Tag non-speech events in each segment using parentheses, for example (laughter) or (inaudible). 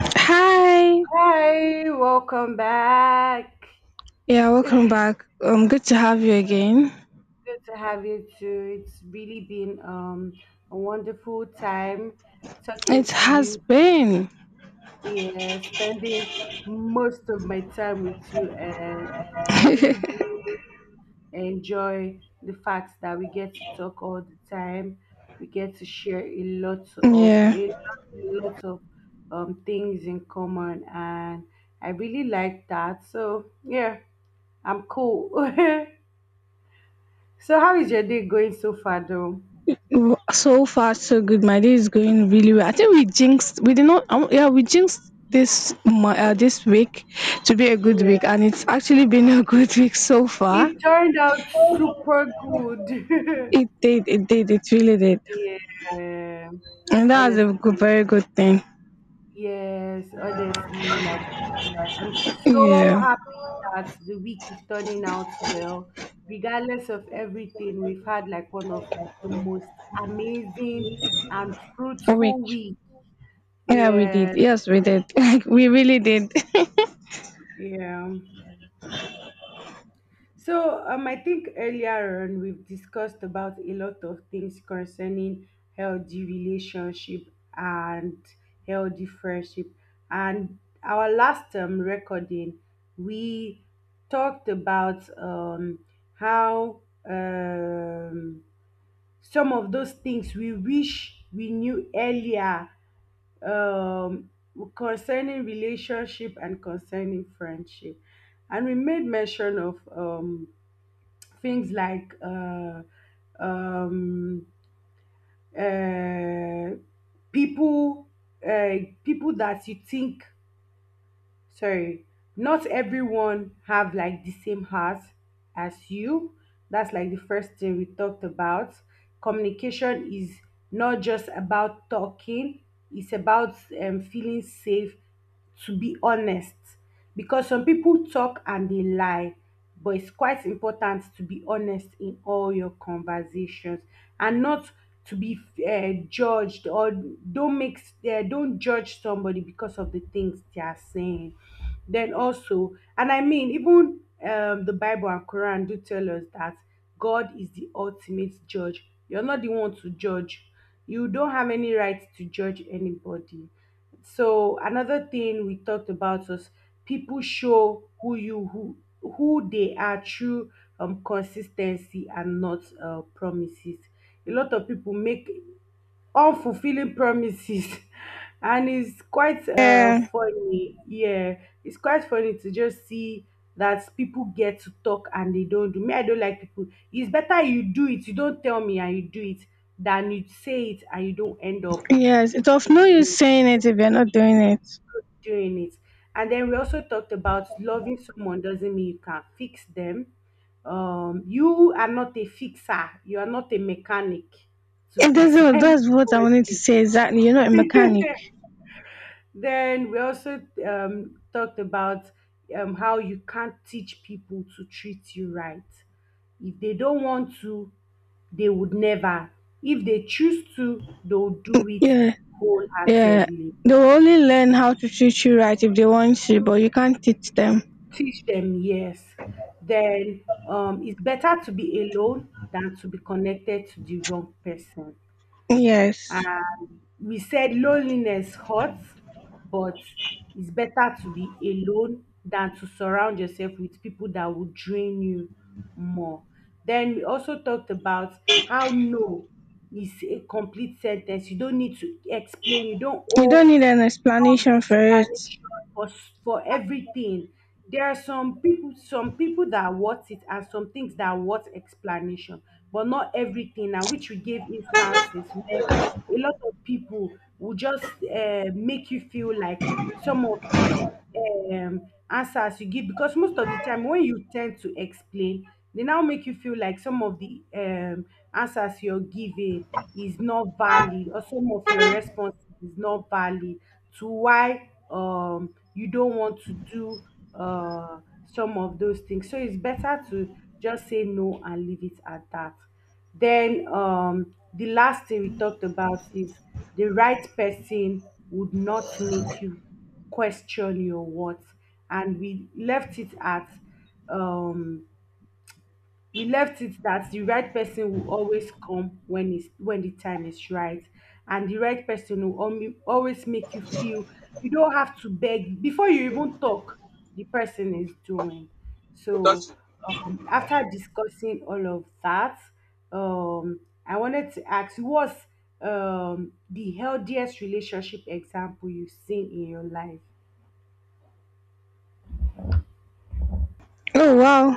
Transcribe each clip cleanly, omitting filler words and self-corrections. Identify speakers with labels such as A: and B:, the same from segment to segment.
A: Hi.
B: Hi, welcome back.
A: Yeah, welcome back. Good to have you again.
B: Good to have you too. It's really been a wonderful time talking
A: It
B: to
A: has
B: you.
A: been.
B: Yeah, spending most of my time with you, and I really
A: (laughs)
B: do enjoy the fact that we get to talk all the time. We get to share a lot of
A: Yeah.
B: things in common, and I really like that. So yeah, I'm cool. (laughs) So how is your day going so far though?
A: So far, so good. My day is going really well. I think we jinxed. We did not. Yeah, we jinxed this week to be a good week, and
B: Yeah.
A: it's actually been a good (laughs) week so far.
B: It turned out super good.
A: It
B: (laughs)
A: did. It did. It really did.
B: Yeah.
A: And that was a good,
B: Honestly.
A: very good thing.
B: Yes, honestly. Like I'm so
A: Yeah.
B: happy that the week is turning out well. Regardless of everything, we've had like one of the most amazing and
A: A
B: fruitful
A: week.
B: week.
A: Yeah, we did.
B: Yeah.
A: Yes, we did. (laughs) Like we really did. (laughs)
B: Yeah. So I think earlier on we've discussed about a lot of things concerning healthy relationship and healthy friendship. And our last recording, we talked about how um, some of those things we wish we knew earlier um, concerning relationship and concerning friendship, and we made mention of things like um, uh, people, uh, people that you think, sorry, not everyone have like the same heart as you. That's like the first thing we talked about. Communication is not just about talking, it's about feeling safe to be honest, because some people talk and they lie, but it's quite important to be honest in all your conversations and not to be judged, or don't make s- don't judge somebody because of the things they are saying. Then also, and I mean, even the Bible and Quran do tell us that God is the ultimate judge. You're not the one to judge, you don't have any right to judge anybody. So another thing we talked about was people show who who they are through consistency and not promises. A lot of people make unfulfilling promises, (laughs) and it's quite
A: Yeah.
B: funny. Yeah, it's quite funny to just see that people get to talk and they don't do. Me, I don't like people. It's better you do it. You don't tell me and you do it than you say it and you don't end up
A: Yes, it's of no use
B: fulfilling,
A: saying it if you're not doing it.
B: doing it. And then we also talked about loving someone doesn't mean you can fix them. You are not a fixer, you are not a mechanic to
A: It
B: fix (laughs)
A: doesn't. That's what I wanted to
B: anybody.
A: say. Exactly. You're not a mechanic.
B: Then we also talked about how you can't teach people to treat you right. If they don't want to, they would never. If they choose to, they'll do it
A: Yeah, yeah.
B: wholeheartedly.
A: They will only learn how to treat you right if they want to, but you can't teach them.
B: Teach them, yes. Then it's better to be alone than to be connected to the wrong person.
A: Yes.
B: And we said loneliness hurts, but it's better to be alone than to surround yourself with people that will drain you more. Then we also talked about how no is a complete sentence. You don't need to explain, you don't
A: You don't
B: owe
A: need an
B: long
A: explanation for it.
B: explanation for for everything. There are some people that worth it, and some things that are worth explanation, but not everything. And which we gave instances where a lot of people will just make you feel like some of the answers you give, because most of the time when you tend to explain, they now make you feel like some of the answers you're giving is not valid, or some of your responses is not valid to why you don't want to do uh, some of those things. So it's better to just say no and leave it at that. Then the last thing we talked about is the right person would not make you question your worth, and we left it at um, we left it that the right person will always come when the time is right, and the right person will always make you feel you don't have to beg before you even talk. The person is doing so. After discussing all of that, um, I wanted to ask what's the healthiest relationship example you've seen in your life?
A: Oh wow.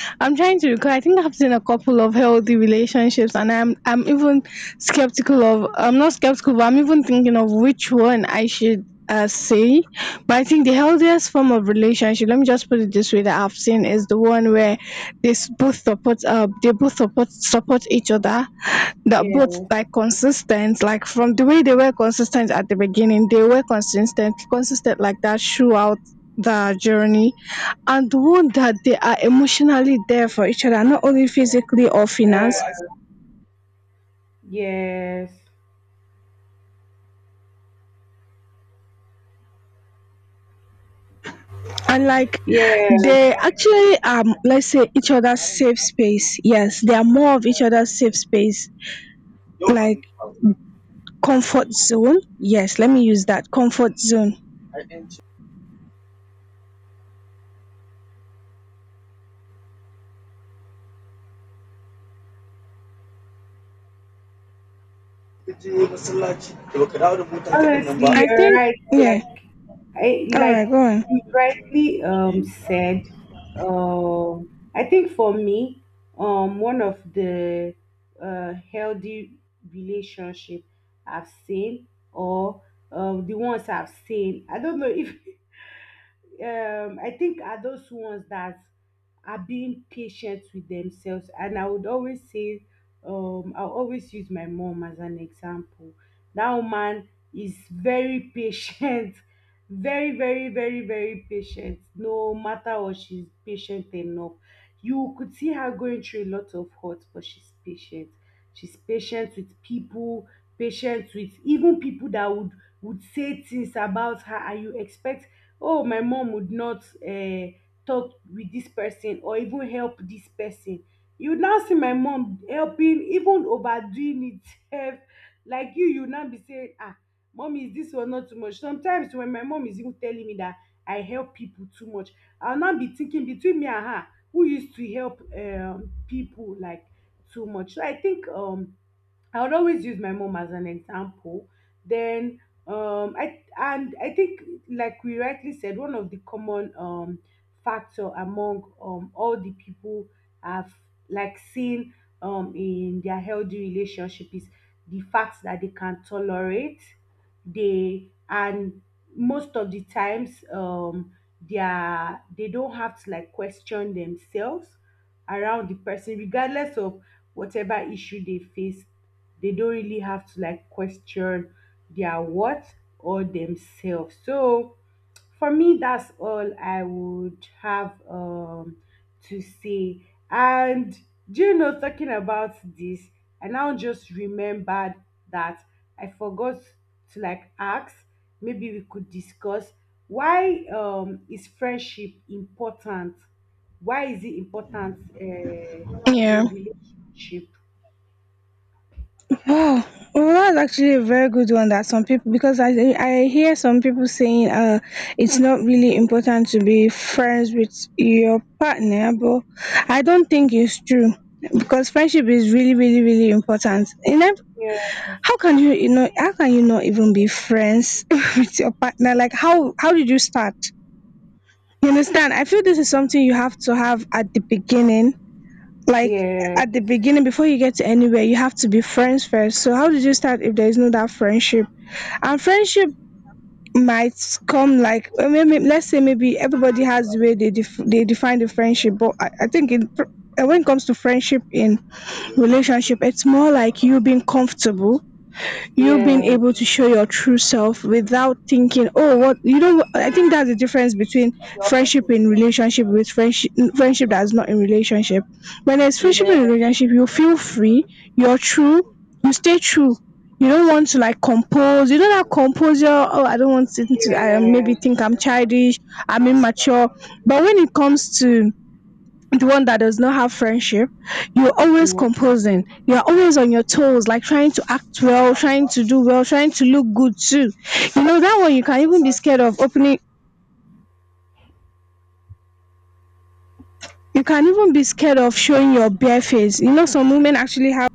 A: (laughs) I'm trying to recall. I think I've seen a couple of healthy relationships and I'm even skeptical of I'm not skeptical, but I'm even thinking of which one I should say. But I think the healthiest form of relationship, let me just put it this way, that I've seen is the one where both support they both support each other. That both
B: Yeah.
A: like consistent, like from the way they were consistent at the beginning, they were consistent like that throughout the journey, and one that they are emotionally there for each other, not only physically or finance.
B: Yes.
A: And like
B: Yeah.
A: they actually let's say each other's safe space. Yes, they are more of each other's safe space. Like comfort zone. Yes, let me use that. Comfort zone.
B: Honestly,
A: I
B: you're
A: think
B: right.
A: yeah.
B: Like,
A: Alright, go on.
B: you rightly said. I think for me, one of the healthy relationship I've seen, or the ones I've seen, I don't know if (laughs) I think are those ones that are being patient with themselves. And I would always say I'll always use my mom as an example. That woman is very patient, (laughs) very, very, very, very patient. No matter what, she's patient enough. You could see her going through a lot of hurt, but she's patient. She's patient with people, patient with even people that would say things about her, and you expect, oh, my mom would not talk with this person or even help this person. You now see my mom helping, even overdoing it sef. Like, you now be say, ah, mommy, is this one not too much? Sometimes when my mom is even telling me that I help people too much, I now be thinking between me and her who used to help people like too much. So I think I would always use my mom as an example. Then, I think, like we rightly said, one of the common factor among all the people I've like seen in their healthy relationship is the fact that they can tolerate, they and most of the times they don't have to like question themselves around the person. Regardless of whatever issue they face, they don't really have to like question their what or themselves. So for me, that's all I would have to say. And do you know, talking about this, I now just remembered that I forgot to like ask. Maybe we could discuss why is friendship important? Why is it important
A: Yeah.
B: in relationship?
A: Oh, well, that's actually a very good one that some people, because I hear some people saying it's not really important to be friends with your partner, but I don't think it's true because friendship is really, really, really important. In ev-
B: Yeah,
A: how can you know, how can you not even be friends (laughs) with your partner? Like how did you start? You understand? I feel this is something you have to have at the beginning, like
B: yeah.
A: at the beginning, before you get to anywhere you have to be friends first. So how did you start if there is no that friendship? And friendship might come like let's say maybe everybody has the way they they define the friendship, but I think in, when it comes to friendship in relationship, it's more like you being comfortable, you being able
B: Yes,
A: to show your true self without thinking, oh, what you know I think that's the difference between friendship in relationship with friendship, friendship that's not in relationship. When there's friendship in
B: yes,
A: relationship, you feel free, you're true, you stay true, you don't want to like compose, you don't have composure. Oh, I don't want to, I maybe
B: yes,
A: think I'm childish, I'm immature. But when it comes to the one that does not have friendship, you're always
B: yes,
A: composing. You're always on your toes, like trying to act well, trying to do well, trying to look good too. You know, that one you can even be scared of opening, you can even be scared of showing your bare face. You know, some women actually have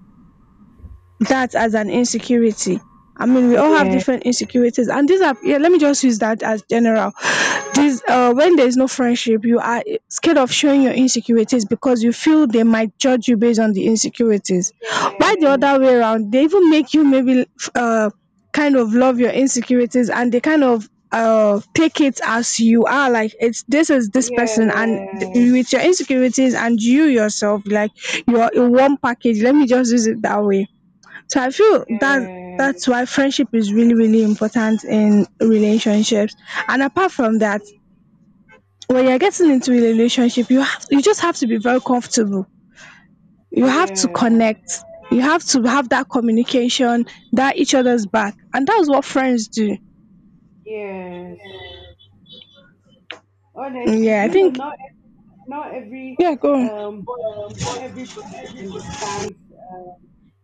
A: that as an insecurity. I mean, we all have
B: yes,
A: different insecurities, and these are yeah. Let me just use that as general. This when there is no friendship, you are scared of showing your insecurities because you feel they might judge you based on the insecurities. By the other way around, they even make you maybe uh kind of love your insecurities, and they kind of take it as you are, like it's this is this
B: yes,
A: person and
B: yes,
A: with your insecurities, and you yourself, like you're in one package, let me just use it that way. So I feel that that's why friendship is really, really important in relationships. And apart from that, when you're getting into a relationship, you have you just have to be very comfortable. You have to
B: yes,
A: connect. You have to have that communication, that each other's back. And that's what friends do.
B: yes. Honestly,
A: Yeah,
B: do
A: I
B: you know,
A: think
B: not every
A: yeah, go on.
B: um, body, not everybody understands um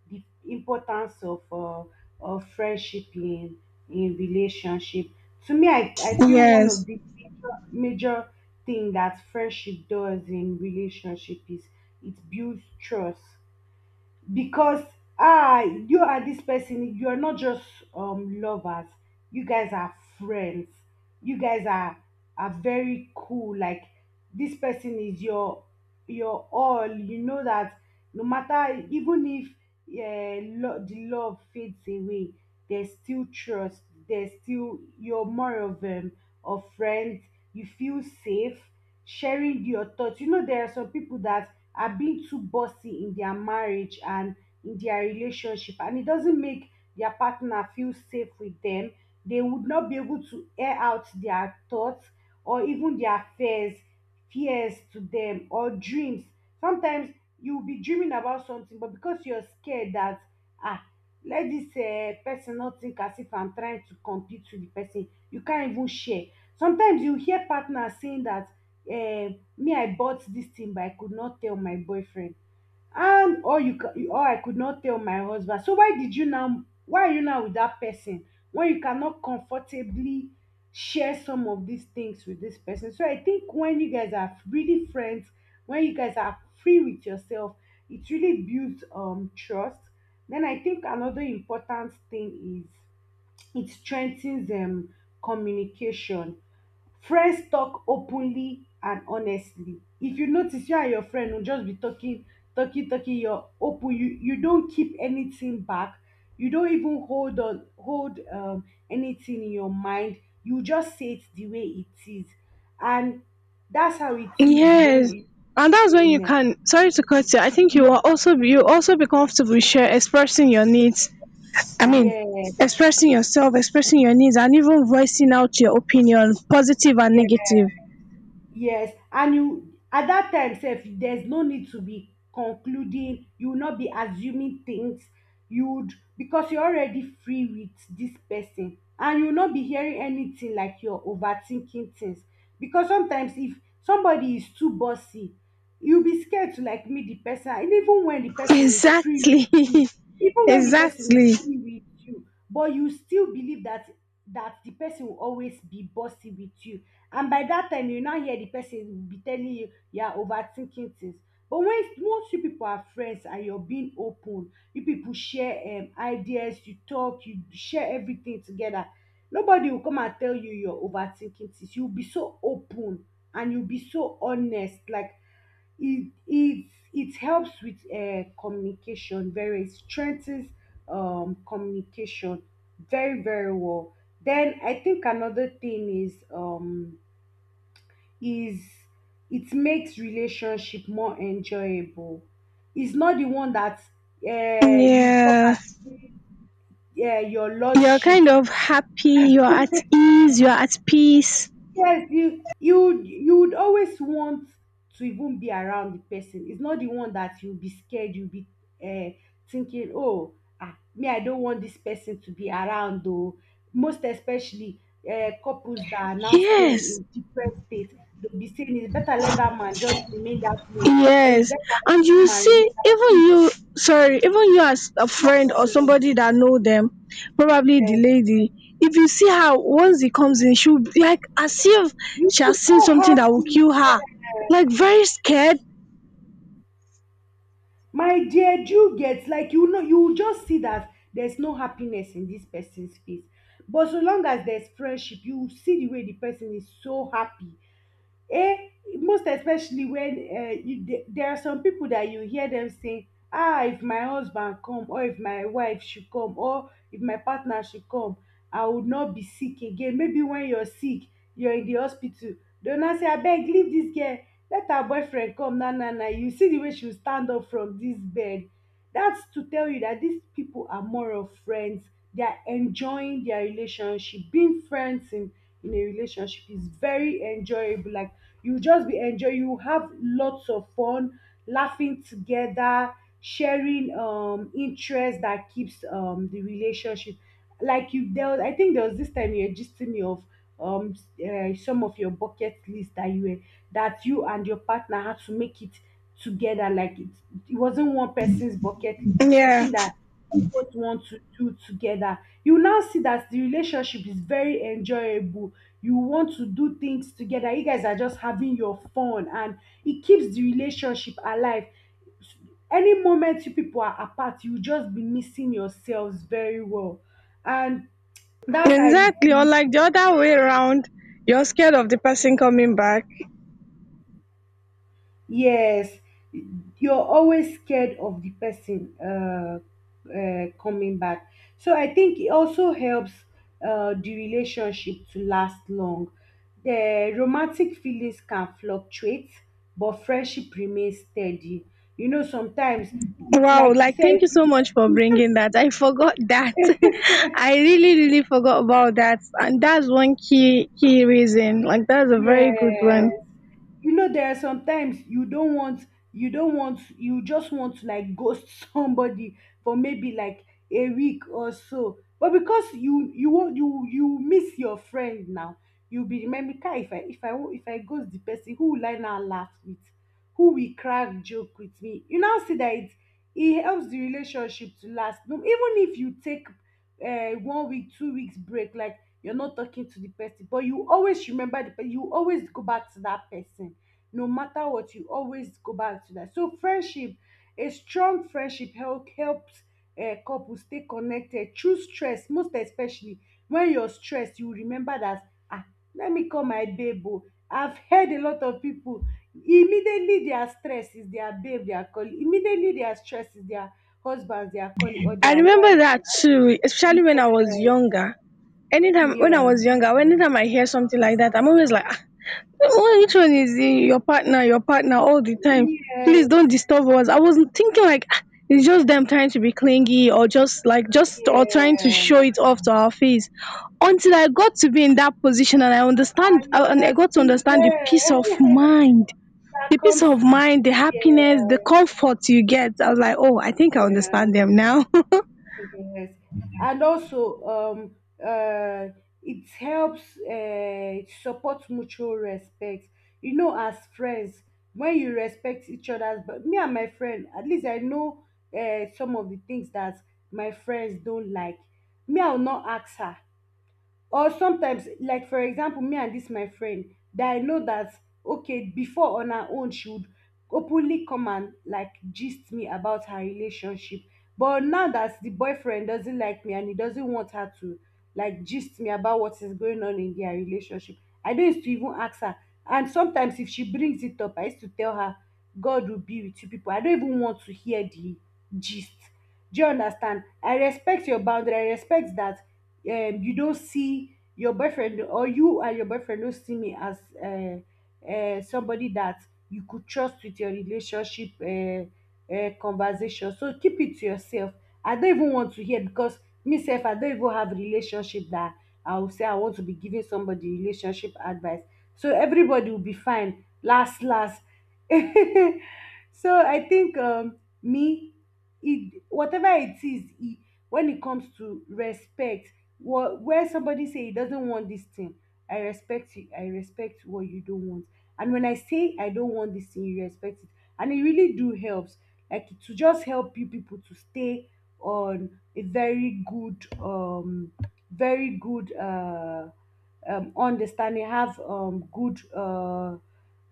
B: the importance of friendship in relationship. To me, I feel one of
A: Yes.
B: the major, major thing that friendship does in relationship is it builds trust. Because ah, you and this person, you are not just lovers, you guys are friends. You guys are very cool. Like, this person is your all. You know that, no matter, even if the love fades away, there's still trust. There's still, you're more of friends. You feel safe sharing your thoughts. You know, there are some people that are being too bossy in their marriage and in their relationship, and it doesn't make their partner feel safe with them. They would not be able to air out their thoughts or even their fears, fears to them, or dreams. Sometimes you'll be dreaming about something, but because you're scared that, ah, let this person not think as if I'm trying to compete with the person, you can't even share. Sometimes you hear partners saying that, eh, me, I bought dis thing but I could not tell my boyfriend, and, or I could not tell my husband. So why did you now, why are you now with dat person, when you cannot comfortably share some of these things with this person? So I think when you guys are really friends, when you guys are free with yourself, it really builds trust. Then I think another important thing is it strengthens communication. Friends talk openly and honestly. If you notice, you and your friend will just be talking, talking, talking, you're open, you don't keep anything back, you don't even hold anything in your mind, you just say it the way it is. And that's how it is when
A: Yes. And
B: it's
A: that's when you
B: going.
A: can, sorry to cut you. I think you will
B: uh,
A: also be you also be comfortable share expressing your needs, I mean,
B: Yes,
A: expressing yourself, expressing your needs, and even voicing out your opinion, positive and
B: yes.
A: negative.
B: Yes, and you at that time sef, there's no need to be concluding, you will not be assuming things, you would because you're already free with this person, and you will not be hearing anything like you're overthinking things. Because sometimes if somebody is too bossy, you'll be scared to like meet the person. And
A: Exactly.
B: with
A: (laughs)
B: you even when the person is
A: Exactly.
B: free with you, but you still believe that the person will always be bossy with you, and by that time you now hear the person will be telling you you are overthinking things. But when once you people are friends and you're being open, you people share ideas, you talk, you share everything together, nobody will come and tell you you're overthinking things. You'll be so open and you'll be so honest, like It it it helps with communication, very strengthens communication very very well. Then I think another thing is is it makes relationship more enjoyable. It's not the one that you come
A: Yeah,
B: and your
A: you're
B: lordship.
A: kind of happy, you're at
B: (laughs)
A: ease, you're at peace.
B: Yes, you would always want to even be around the person. It's not the one that you'll be scared, you'll be uh, thinking, oh, ah, me, I don't want this person to be around, though. Most especially couples that are now staying
A: Yes.
B: in different states, they'll be saying, it's better let that man just remain that place, or it's
A: Yes,
B: better
A: and
B: let
A: you
B: that man
A: see,
B: remain
A: even
B: that.
A: you, sorry, even you as a
B: No
A: friend or
B: problem.
A: somebody that know them, probably the
B: Yeah.
A: lady, if you see her once he comes in, she'll be like as if
B: You'll
A: she
B: be
A: has seen
B: so
A: something that will
B: happy.
A: kill her, like
B: Yeah.
A: very scared.
B: My dear, do you get? Like, you will just see that there's no happiness in this person's face, but so long as there's friendship, you will see the way the person is so happy. Eh, most especially when you, there are some people that you hear them saying, ah, if my husband come, or if my wife should come, or if my partner should come, I would not be sick again. Maybe when you're sick, you're in the hospital. They now say, abeg, leave this girl. Let her boyfriend come. Na na na. You see the way she will stand up from this bed. That's to tell you that these people are more of friends. They are enjoying their relationship. Being friends in a relationship is very enjoyable. Like, you just be enjoy, you have lots of fun laughing together, sharing interest that keeps the relationship, I think there was this time you were gisting me of some of your bucket list that you and your partner had to make it together, like it wasn't one person's bucket list,
A: Yeah,
B: something that you both want to do together. You now see that the relationship is very enjoyable. You want to do things together, you guys are just having your fun, and it keeps the relationship alive. Any moment you people are apart, you just be missing yourselves very well, and that's how it,
A: exactly. Or
B: it
A: like the other way around, you're scared of the person coming back.
B: Yes, you're always scared of the person coming back. So I think it also helps the relationship to last long. The romantic feelings can fluctuate, but friendship remains steady. Sometimes,
A: Wow,
B: like you
A: like thank
B: said.
A: you so much for bringing that. I forgot that. (laughs) I really, really forgot about that, and that's one key, key reason. Like that's a very good one.
B: Yes. There are sometimes you don't want, you just want to like ghost (laughs) somebody for maybe like a week or so. But because you won't, you miss your friend now, you'll be remembering, "Kai, if I ghost the person, who will I now laugh with? Who will crack joke with me?" You now see that it helps the relationship to last. No, even if you take one week, 2 weeks break, like, you're not talking to the person, but you always remember the person, you always go back to that person, no matter what, you always go back to that. So friendship, a strong friendship helps couples stay connected through stress, most especially when you're stressed, you remember that, ah, let me call my babe o. I've heard a lot of people, immediately their stress is their babe, their colleague. Immediately their stress is their husband, their colleague, or
A: I
B: their
A: remember
B: wife.
A: that too, especially when I was
B: Yes.
A: younger. Anytime when I
B: Yeah.
A: was younger, anytime I hear something like that, I'm always like, "Ah, well, which one is he? Your partner all the time. Please don't
B: Yes.
A: disturb us." I was thinking like, ah, it's just them trying to be clingy or just like just or trying to show
B: Yeah,
A: it off to our face. Until I got to be in that position, and I
B: I
A: understand and I got to
B: understood.
A: understand the peace of
B: Yeah,
A: mind.
B: (laughs) that
A: The peace
B: comes
A: of
B: with.
A: mind, the happiness, the
B: Yeah,
A: comfort you get. I was like, oh, I think I
B: yeah,
A: understand them now.
B: yes. And also, uh, it helps support mutual respect. As friends, when you respect each other's, but me and my friend, at least I know some of the things that my friends don't like. Me, I'll not ask her. Or sometimes, like for example, me and this my friend, that I know that, okay, before, on her own, she would openly come and like gist me about her relationship, but now that the boyfriend doesn't like me and he doesn't want her to like gist me about what is going on in their relationship, I don't used to even ask her. And sometimes if she brings it up, I used to tell her, God will be with you people, I don't even want to hear the gist. Do you understand? I respect your boundary, I respect that you don't see your boyfriend, or you and your boyfriend don't see me as somebody that you could trust with your relationship conversation. So keep it to yourself. I don't even want to hear, because myself, I don't even have relationship that I will say I want to be giving somebody relationship advice. So everybody will be fine. Last, last. (laughs) So I think, me, it, whatever it is, it, when it comes to respect, where somebody say he doesn't want this thing, I respect you, I respect what you don't want. And when I say I don't want this thing, you respect it. And it really do helps, like, to just help you people to stay on a very good very good understanding, have good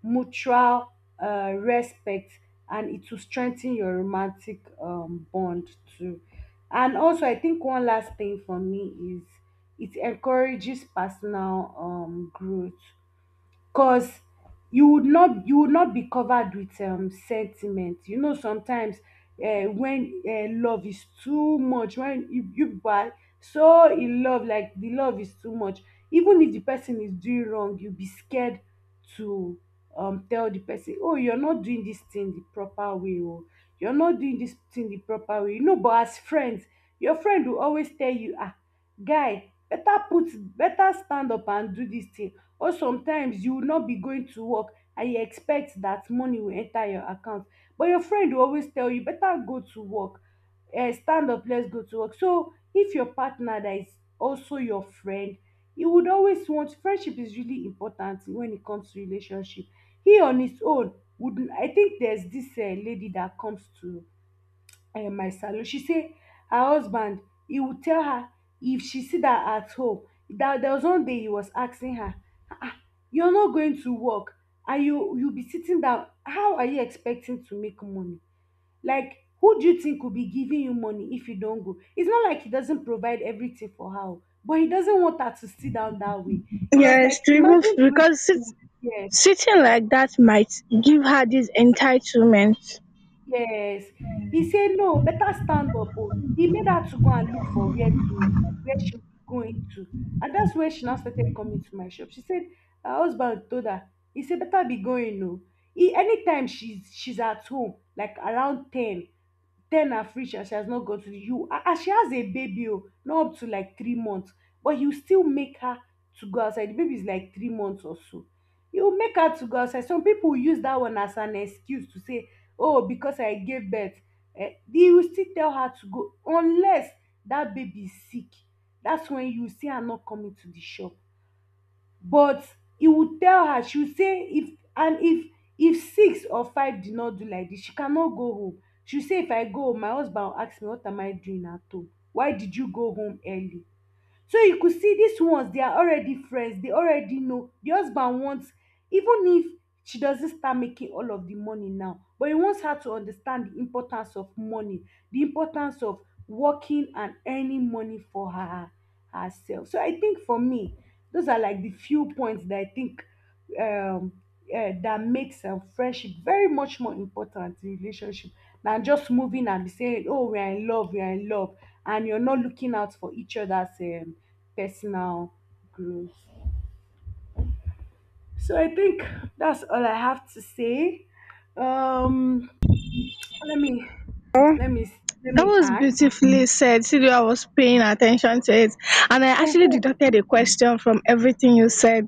B: mutual respect, and it will strengthen your romantic bond too. And also, I think one last thing for me is it encourages personal growth, cause you would not be covered with sentiment. Sometimes when love is too much, when you people are so in love, like the love is too much, even if the person is doing wrong, you'll be scared to tell the person, oh, you're not doing this thing the proper way, or you're not doing this thing the proper way. But as friends, your friend will always tell you, ah, guy, better put, better stand up and do this thing. Or sometimes you will not be going to work, and you expect that money will enter your account, but your friend will always tell you, better go to work, eh, stand up, let's go to work. So if your partner that is also your friend, he would always want. Friendship is really important when it comes to relationship. He on his own would. I think there's this, eh, lady that comes to my salon. She say her husband, he would tell her if she see that at home. That there was one day he was asking her, "Ah, ah, you're not going to work, and you be sitting down. How are you expecting to make money? Like, who do you think will be giving you money if you don't go?" It's not like he doesn't provide everything for her, o, but he doesn't want her to sit down that way.
A: (laughs)
B: He was
A: Yes,
B: like,
A: to
B: imagine
A: remove
B: the way
A: because sit,
B: people, yeah.
A: sitting like that might give her this entitlement.
B: Yes. He said, no, better stand up. Oh. He made her to go and look for where she was going to. And that's where she now started coming to my shop. She said, her husband told her, he said, better be going no. He, anytime she's at home, like around 10, ten have reached and she has not gotten you. And she has a baby, oh, not up to like 3 months, but you still make her to go outside. The baby is like 3 months or so, you make her to go outside. Some people use that one as an excuse to say, oh, because I gave birth, eh, you will still tell her to go unless that baby is sick. That's when you see her not coming to the shop. But e would tell her, she would say if, and if six or five did not do like this, she cannot go home. She would say, if I go home, my husband will ask me, what am I doing at home? Why did you go home early? So you could see these ones, they are already friends. They already know the husband wants, even if she doesn't start making all of the money now, but he wants her to understand the importance of money, the importance of working and earning money for her herself. So I think for me, those are like the few points that I think um, that makes friendship very much more important in relationship, than just moving and be saying, oh, we are in love, we are in love, and you're not looking out for each other's personal growth. So I think that's all I have to say. Um, let me, let me, let
A: That
B: me
A: was
B: ask.
A: beautifully said. Sidu, I was paying attention to it. And I actually deducted a
B: (laughs)
A: question from everything you said.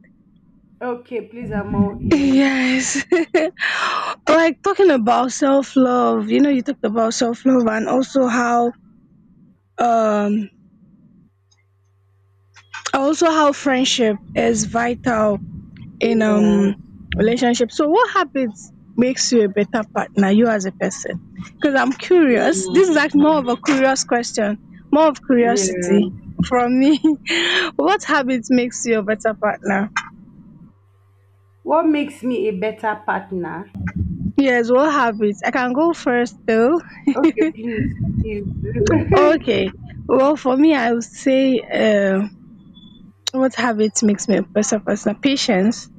B: Okay, please, I'm all ears.
A: Yes. (laughs) Like talking about self love, you know, you talked about self love and um also how friendship is vital in
B: Yes.
A: relationship. So what habits makes you a better partner, you as a person? Because I'm curious,
B: Mm,
A: this is like more of a curious question, more of
B: yeah.
A: curiosity from me. (laughs) What habits makes you a better partner?
B: What makes me a better partner?
A: Yes, what habits? I can go first though.
B: Okay, please, please do.
A: Okay. Well, for me, I would say what habits makes me a better person? Patience,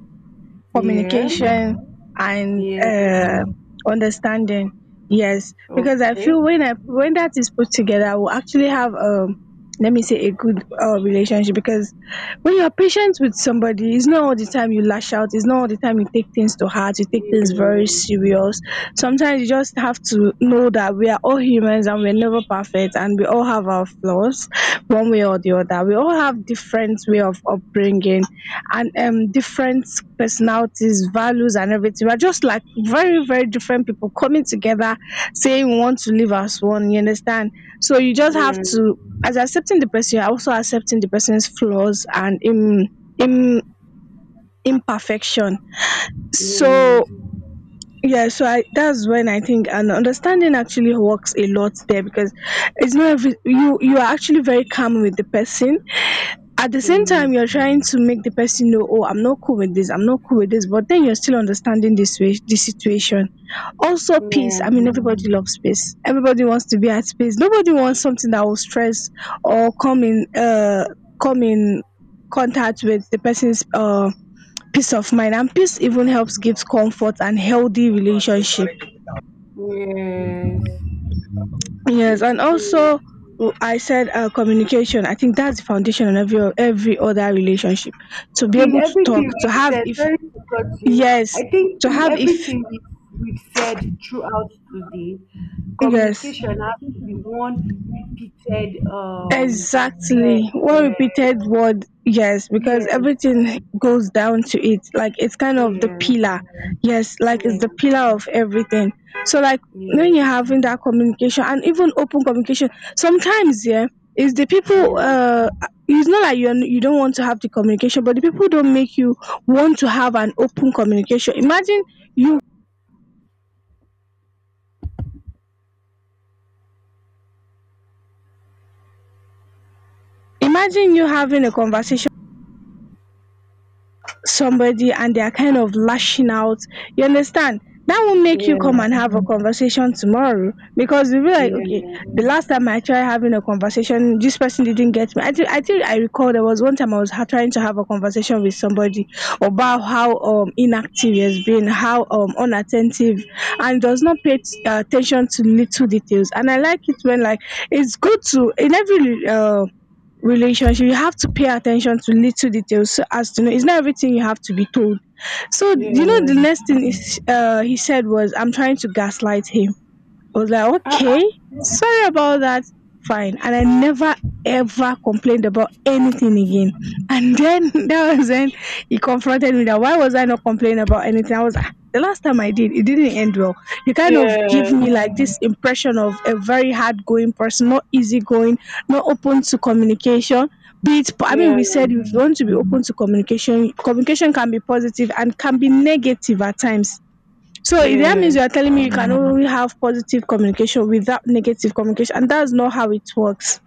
B: (laughs) Yeah.
A: communication, and
B: Yeah.
A: understanding. Yes, because I
B: Okay.
A: feel when I when that is put together, we'll actually have let me say a good relationship. Because when you're patient with somebody, it's not all the time you lash out. It's not all the time you take things to heart, you take things very
B: Yeah.
A: serious. Sometimes you just have to know that we are all humans and we're never perfect, and we all have our flaws, one way or the other. We all have different way of upbringing, and different personalities, values, and everything. We're just like very, very different people coming together saying we want to live as one, you understand? So you just have
B: Yes,
A: to as accepting the person, you're also accepting the person's flaws and im im imperfection. So
B: yes,
A: yeah, so I that's when I think, and understanding actually works a lot there, because it's not every you you are actually very calm with the person, at the same time
B: mm,
A: you're trying to make the person know, oh, I'm not cool with this, I'm not cool with this, but then you're still understanding this way the situation. Also peace,
B: yeah,
A: I mean, everybody loves peace, everybody wants to be at peace, nobody wants something that will stress or come in come in contact with the person's peace of mind. And peace even helps, gives comfort and healthy relationship.
B: yes,
A: Yes,
B: it's
A: and
B: true.
A: also I said communication. I think that's the foundation in every other relationship. To be
B: In
A: able to talk,
B: everything
A: to
B: we've
A: have
B: said,
A: if
B: sorry to cut you.
A: yes,
B: I think
A: to
B: in
A: have if
B: everything we've said throughout today,
A: yes.
B: communication has to be one repeated. Yeah,
A: Exactly. One repeated word, yes,
B: yeah,
A: because
B: yes,
A: everything goes down to it. Like it's kind
B: yes,
A: of
B: yeah,
A: the
B: yeah,
A: pillar. Yes, like it's the pillar of everything. So like when you're having that communication and even open communication, sometimes yeah, is the people it's not like you don't want to have the communication, but the people don't make you want to have an open communication. You imagine you having a conversation somebody and they are kind of lashing out, you understand? That will make you come
B: yeah,
A: and have a conversation tomorrow, because you'll be like, okay,
B: yeah,
A: the last time I tried having a conversation, this person didn't get me. I think I recall there was one time I was trying to have a conversation with somebody about how inactive he has been, how unattentive, and does not pay attention to little details. And I like it when like it's good to in every relationship you have to pay attention to little details so as to know it's not everything you have to be told. So
B: yeah,
A: you know
B: yeah.
A: the next thing is he said was I'm trying to gaslight him. I was like,
B: Uh, uh,
A: okay, sorry about that. Fine. And I never ever complained about anything again. And then (laughs) that was when he confronted me that why was I not complaining about anything? I was like, "Ah, the last time I did, it didn't end well. You kind of give
B: yeah,
A: me like this impression of a very hard going person, not easygoing, not open to communication. Be it, I mean,
B: yeah,
A: we said if you want to be open to communication, communication can be positive and can be negative at times, so it- that means
B: yeah.
A: you are telling me you can only have positive communication without negative communication, and that's not how it works."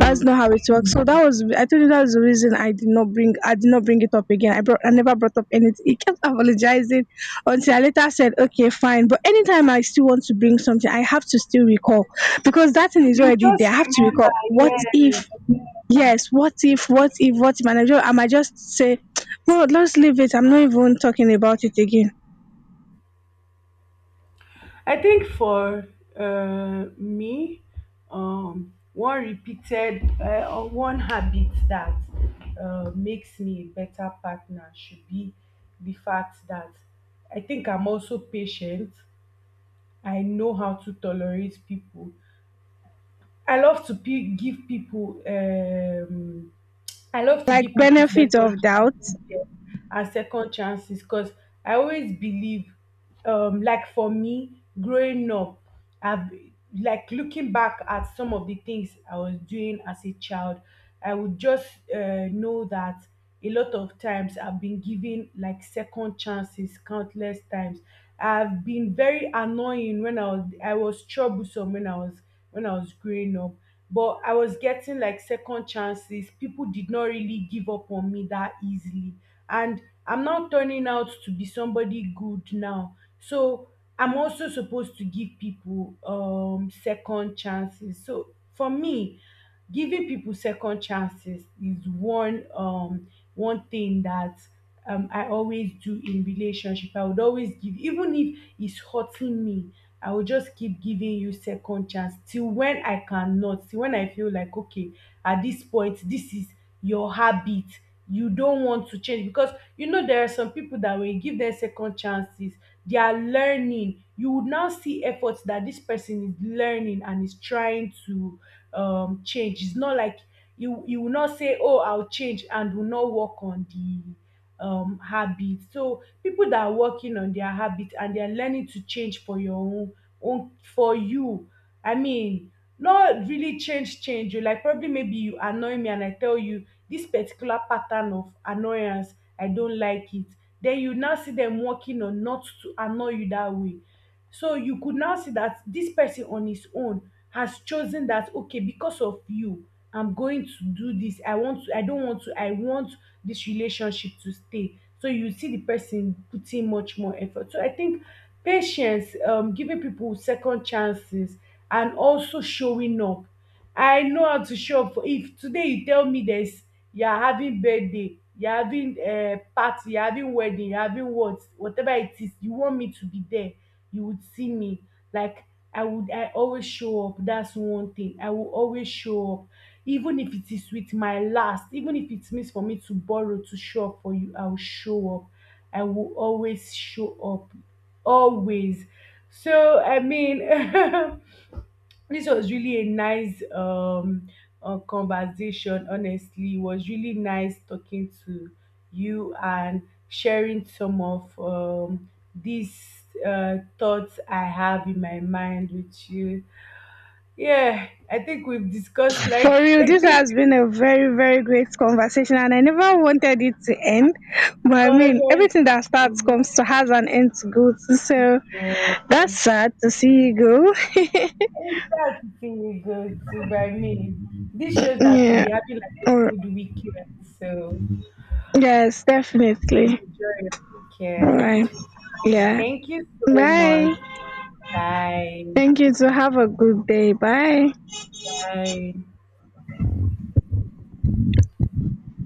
A: That's not how it works. So that was I told you, that's the reason I did not bring it up again. I never brought up anything. He kept apologizing until I later said okay fine. But anytime I still want to bring something, I have to still recall, because that thing is
B: You
A: already there.
B: just
A: I have to recall
B: remember,
A: what if
B: yes.
A: yes, what if, what if, what if, and I just, I might just say (tsk) no, let's leave it. I'm not even talking about it again.
B: I think for me, one repeated or one habit that makes me a better partner should be the fact that I think I'm also patient. I know how to tolerate people. I love to give people I love to
A: Like
B: give people
A: benefit
B: second
A: of doubt.
B: chances, yeah, and second chances because I always believe, like for me, growing up, I've like looking back at some of the things I was doing as a child, I would just know that a lot of times I've been given like second chances countless times. I've been very annoying when I was troublesome when I was growing up, but I was getting like second chances. People did not really give up on me that easily. And I'm not turning out to be somebody good now. So I'm also supposed to give people second chances. So for me, giving people second chances is one one thing that I always do in relationship. I would always give, even if it's hurting me, I will just keep giving you second chance till when I cannot, till when I feel like, okay, at this point, this is your habit. You don't want to change, because you know there are some people that when you give them second chances, they are learning. You would now see efforts that this person is learning and is trying to change. It's not like you will not say, "Oh, I'll change," and will not work on the habit. So people that are working on their habit and they are learning to change for your own for you. I mean, not really change change. You like probably maybe you annoy me and I tell you this particular pattern of annoyance, I don't like it. Then you now see them working on not to annoy you that way. So you could now see that this person on his own has chosen that okay, because of you, I'm going to do this. I want to, I don't want to, I want this relationship to stay. So you see the person putting much more effort. So I think patience, giving people second chances, and also showing up. I know how to show up for if today you tell me there's you're having birthday, you're having a party, you're having wedding, you're having what, whatever it is, you want me to be there, you would see me. Like I always show up. That's one thing. I will always show up. Even if it is with my last, even if it means for me to borrow to show up for you, I will show up. I will always show up. Always. So I mean (laughs) this was really a nice conversation. Honestly, it was really nice talking to you and sharing some of these thoughts I have in my mind with you. Yeah, I think we've discussed like
A: For real, this
B: (laughs)
A: has been a very, very great conversation, and I never wanted it to end. But I mean,
B: honestly.
A: everything that starts comes to has an end to go to. So
B: Yeah,
A: that's sad to see you go.
B: it's sad to see you go to by me. This
A: (laughs)
B: shows that we'll
A: Yeah.
B: be having like a
A: Or
B: good weekend. So
A: yes, definitely.
B: enjoy your
A: All right.
B: weekend.
A: Yeah.
B: Thank you so
A: Bye.
B: much. Bye.
A: Thank you. To have a good day. Bye.
B: Bye.